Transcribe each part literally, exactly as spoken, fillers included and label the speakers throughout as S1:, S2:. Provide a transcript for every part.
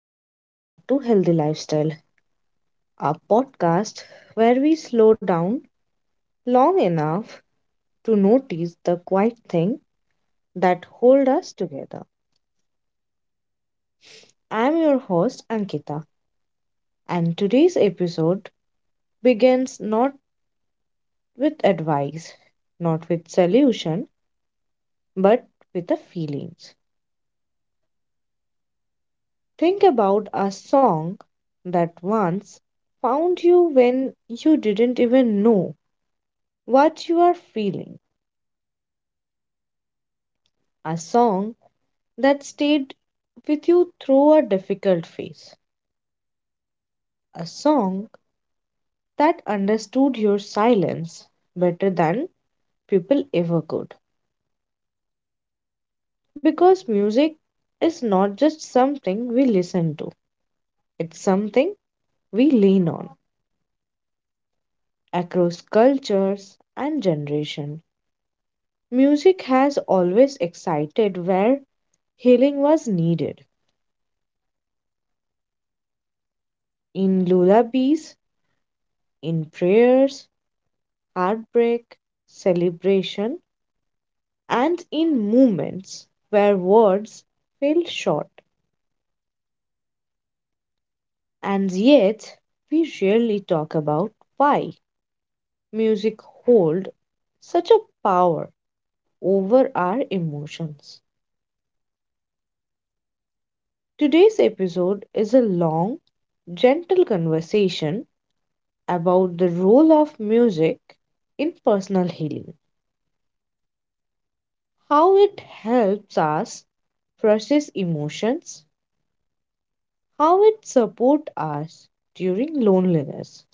S1: and welcome back to Healthy Lifestyle, our podcast where we slow down long enough to notice the quiet thing that hold us together. I'm your host, Ankita, and today's episode begins not with advice, not with solution, but with the feelings. Think about a song that once found you when you didn't even know what you are feeling. A song that stayed with you through a difficult phase, a song that understood your silence better than people ever could. Because music is not just something we listen to, it's something we lean on across cultures and generation. Music has always excited where healing was needed in lullabies, in prayers, heartbreak, celebration and in moments where words fell short. And yet, we rarely talk about why music holds such a power over our emotions. Today's episode is a long, gentle conversation about the role of music in personal healing, how it helps us process emotions, how it supports us during loneliness,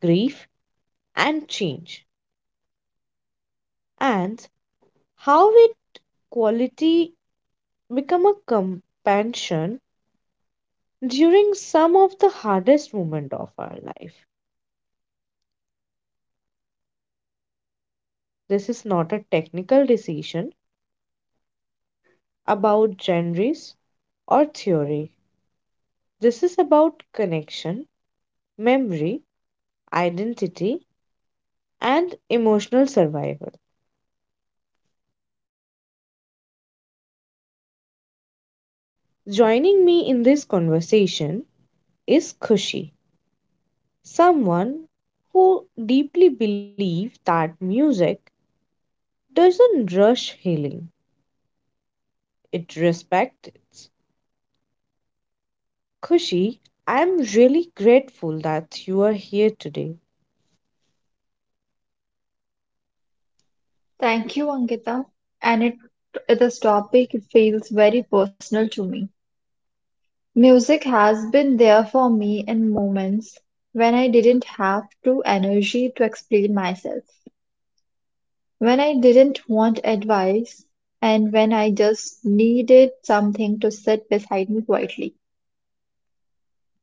S1: grief, and change and how it quality become a companion during some of the hardest moment of our life. This is not a technical decision about genres or theory. This is about connection, memory, identity and emotional survival. Joining me in this conversation is Khushi, someone who deeply believes that music doesn't rush healing, it respects it. Kushi, I'm really grateful that you are here today.
S2: Thank you, Ankita. And it, this topic feels very personal to me. Music has been there for me in moments when I didn't have the energy to explain myself, when I didn't want advice, and when I just needed something to sit beside me quietly.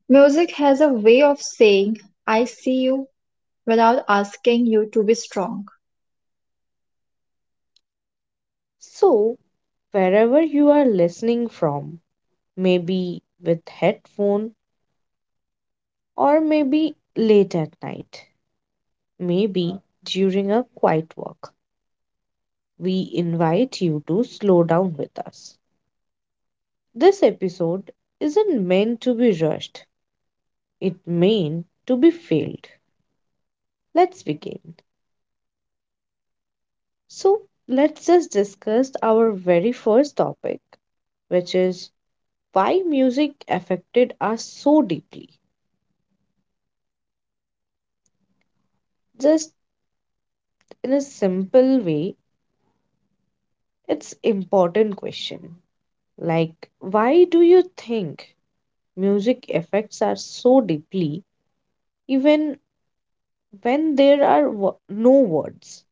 S2: Music has a way of saying, I see you, without asking you to be strong.
S1: So, wherever you are listening from, maybe with headphone or maybe late at night, maybe during a quiet walk, we invite you to slow down with us. This episode isn't meant to be rushed, it meant to be filled. Let's begin. So let's just discuss our very first topic, which is why music affected us so deeply. Just in a simple way, it's important question. Like why do you think music affects us so deeply even when there are wo- no words?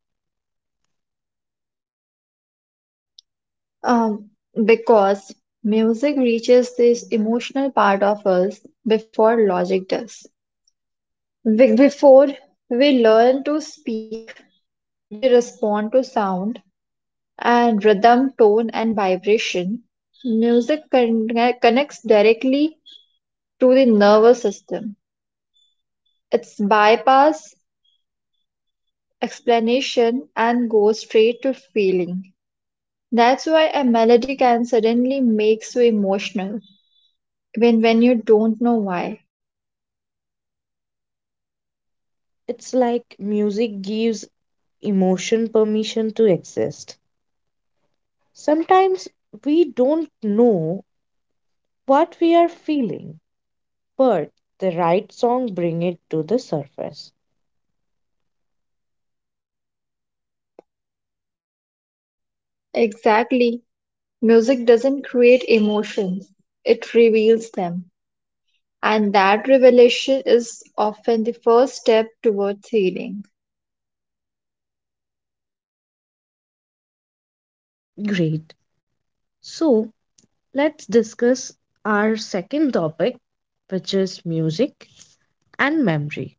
S2: Um, because music reaches this emotional part of us before logic does. Be- Before we learn to speak, we respond to sound and rhythm, tone, and vibration. Music con- Connects directly to the nervous system. It's bypass explanation and goes straight to feeling. That's why a melody can suddenly make you emotional when when you don't know why.
S1: It's like music gives emotion permission to exist. Sometimes we don't know what we are feeling but the right song bring it to the surface.
S2: Exactly. Music doesn't create emotions, it reveals them. And that revelation is often the first step towards healing.
S1: Great. So let's discuss our second topic, which is music and memory.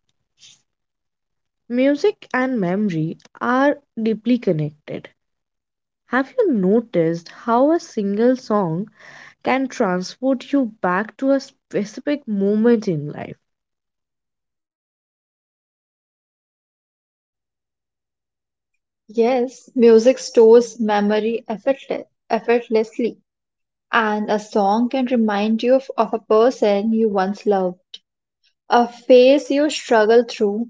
S1: Music and memory are deeply connected. Have you noticed how a single song can transport you back to a specific moment in life?
S2: Yes, music stores memory effortless, effortlessly, and a song can remind you of, of a person you once loved, a phase you struggled through,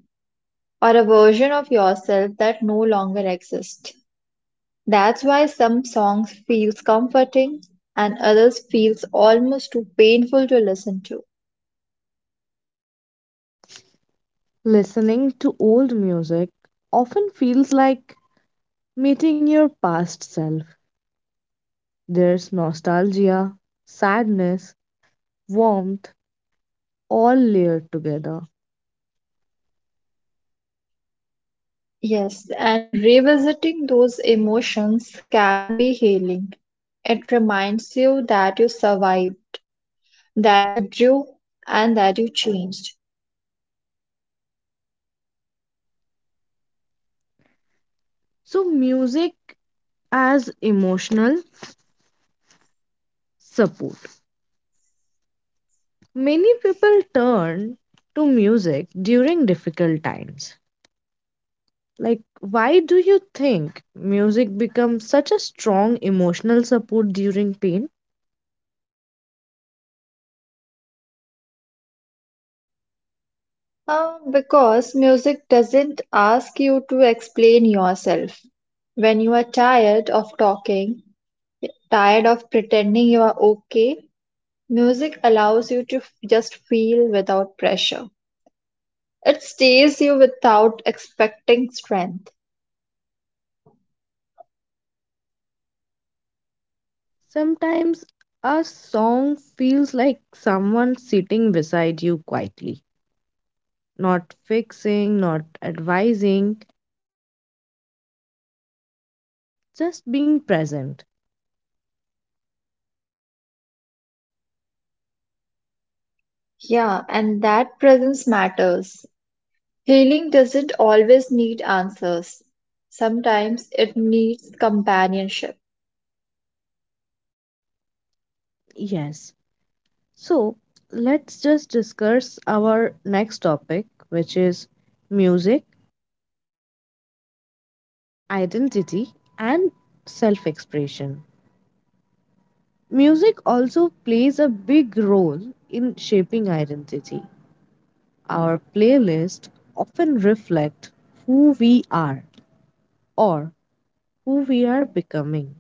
S2: or a version of yourself that no longer exists. That's why some songs feels comforting and others feels almost too painful to listen to.
S1: Listening to old music often feels like meeting your past self. There's nostalgia, sadness, warmth, all layered together.
S2: Yes, and revisiting those emotions can be healing. It reminds you that you survived, that you grew, and that you changed.
S1: So, music as emotional support. Many people turn to music during difficult times. Like, why do you think music becomes such a strong emotional support during pain?
S2: Uh, because music doesn't ask you to explain yourself. When you are tired of talking, tired of pretending you are okay, music allows you to f- just feel without pressure. It stays you without expecting strength.
S1: Sometimes a song feels like someone sitting beside you quietly, not fixing, not advising, just being present.
S2: Yeah, and that presence matters. Healing doesn't always need answers. Sometimes it needs companionship.
S1: Yes. So let's just discuss our next topic, which is music, identity, and self expression. Music also plays a big role in shaping identity. Our playlist often reflect who we are or who we are becoming.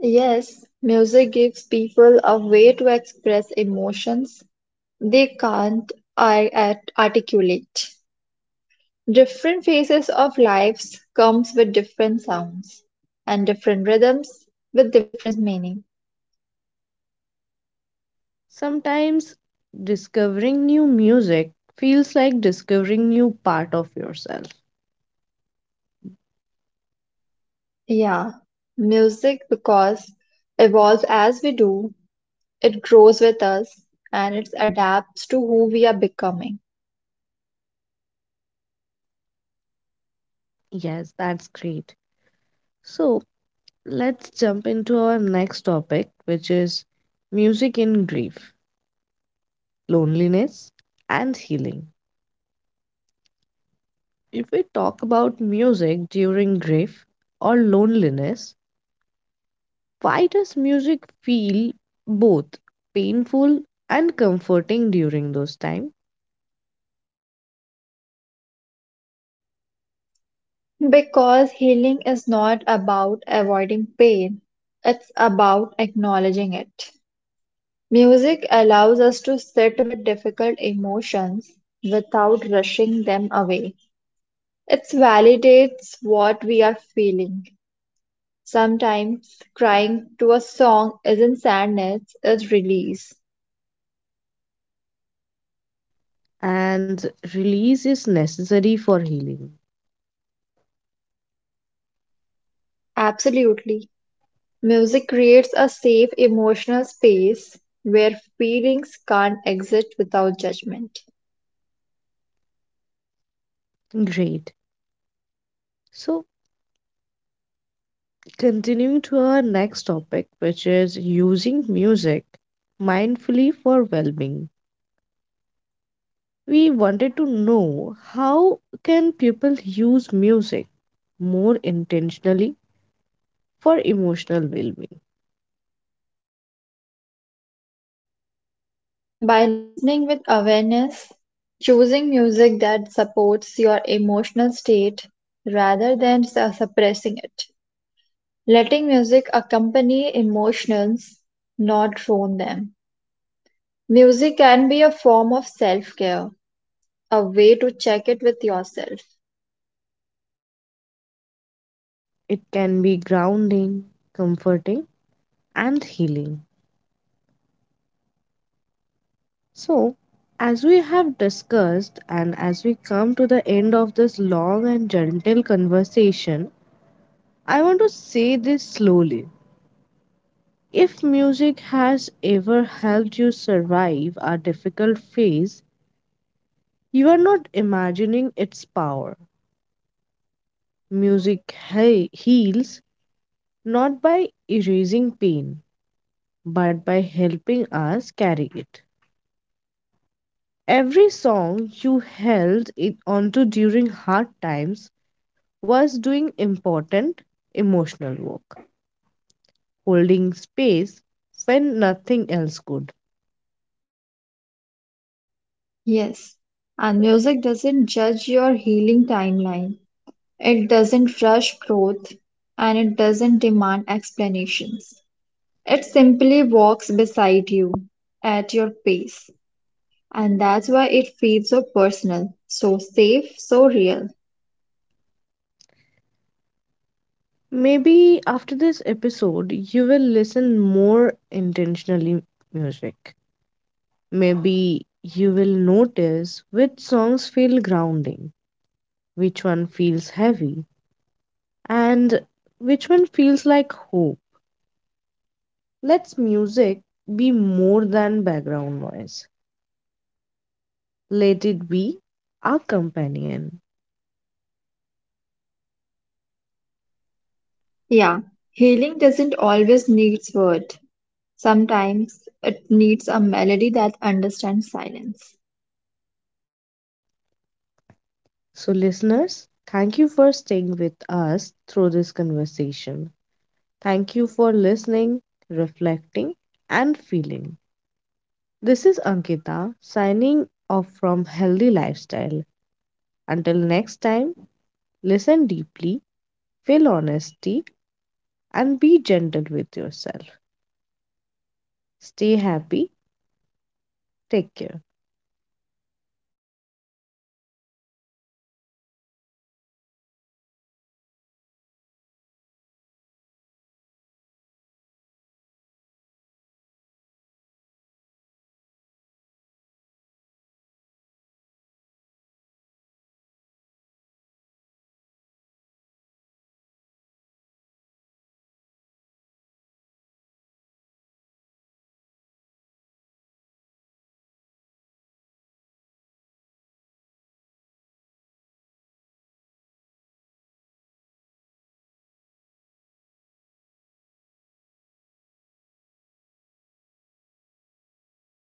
S2: Yes, music gives people a way to express emotions they can't I- at- articulate. Different phases of lives comes with different sounds and different rhythms with different meaning.
S1: Sometimes discovering new music feels like discovering new part of yourself.
S2: Yeah, music because evolves as we do, it grows with us and it adapts to who we are becoming.
S1: Yes, that's great. So let's jump into our next topic, which is music in grief loneliness, and healing. If we talk about music during grief or loneliness, why does music feel both painful and comforting during those times?
S2: Because healing is not about avoiding pain, it's about acknowledging it. Music allows us to sit with difficult emotions without rushing them away. It validates what we are feeling. Sometimes crying to a song isn't sadness, it's release.
S1: And release is necessary for healing.
S2: Absolutely. Music creates a safe emotional space where feelings can't exist without judgment.
S1: Great. So, continuing to our next topic, which is using music mindfully for well being. We wanted to know how can people use music more intentionally for emotional well being.
S2: By listening with awareness, choosing music that supports your emotional state rather than su- suppressing it, letting music accompany emotions, not drown them. Music can be a form of self care, a way to check it with yourself.
S1: It can be grounding, comforting, and healing. So, as we have discussed, and as we come to the end of this long and gentle conversation, I want to say this slowly. If music has ever helped you survive a difficult phase, you are not imagining its power. Music he- heals not by erasing pain, but by helping us carry it. Every song you held it onto during hard times was doing important emotional work, holding space when nothing else could.
S2: Yes, and music doesn't judge your healing timeline. It doesn't rush growth and it doesn't demand explanations. It simply walks beside you at your pace. And that's why it feels so personal, so safe, so real.
S1: Maybe after this episode, you will listen more intentionally music. Maybe you will notice which songs feel grounding, which one feels heavy, and which one feels like hope. Let's music be more than background noise. Let it be our companion.
S2: Yeah, healing doesn't always need words. Sometimes it needs a melody that understands silence.
S1: So, listeners, thank you for staying with us through this conversation. Thank you for listening, reflecting, and feeling. This is Ankita signing off from Healthy Lifestyle. Until next time, listen deeply, feel honesty, and be gentle with yourself. Stay happy. Take care.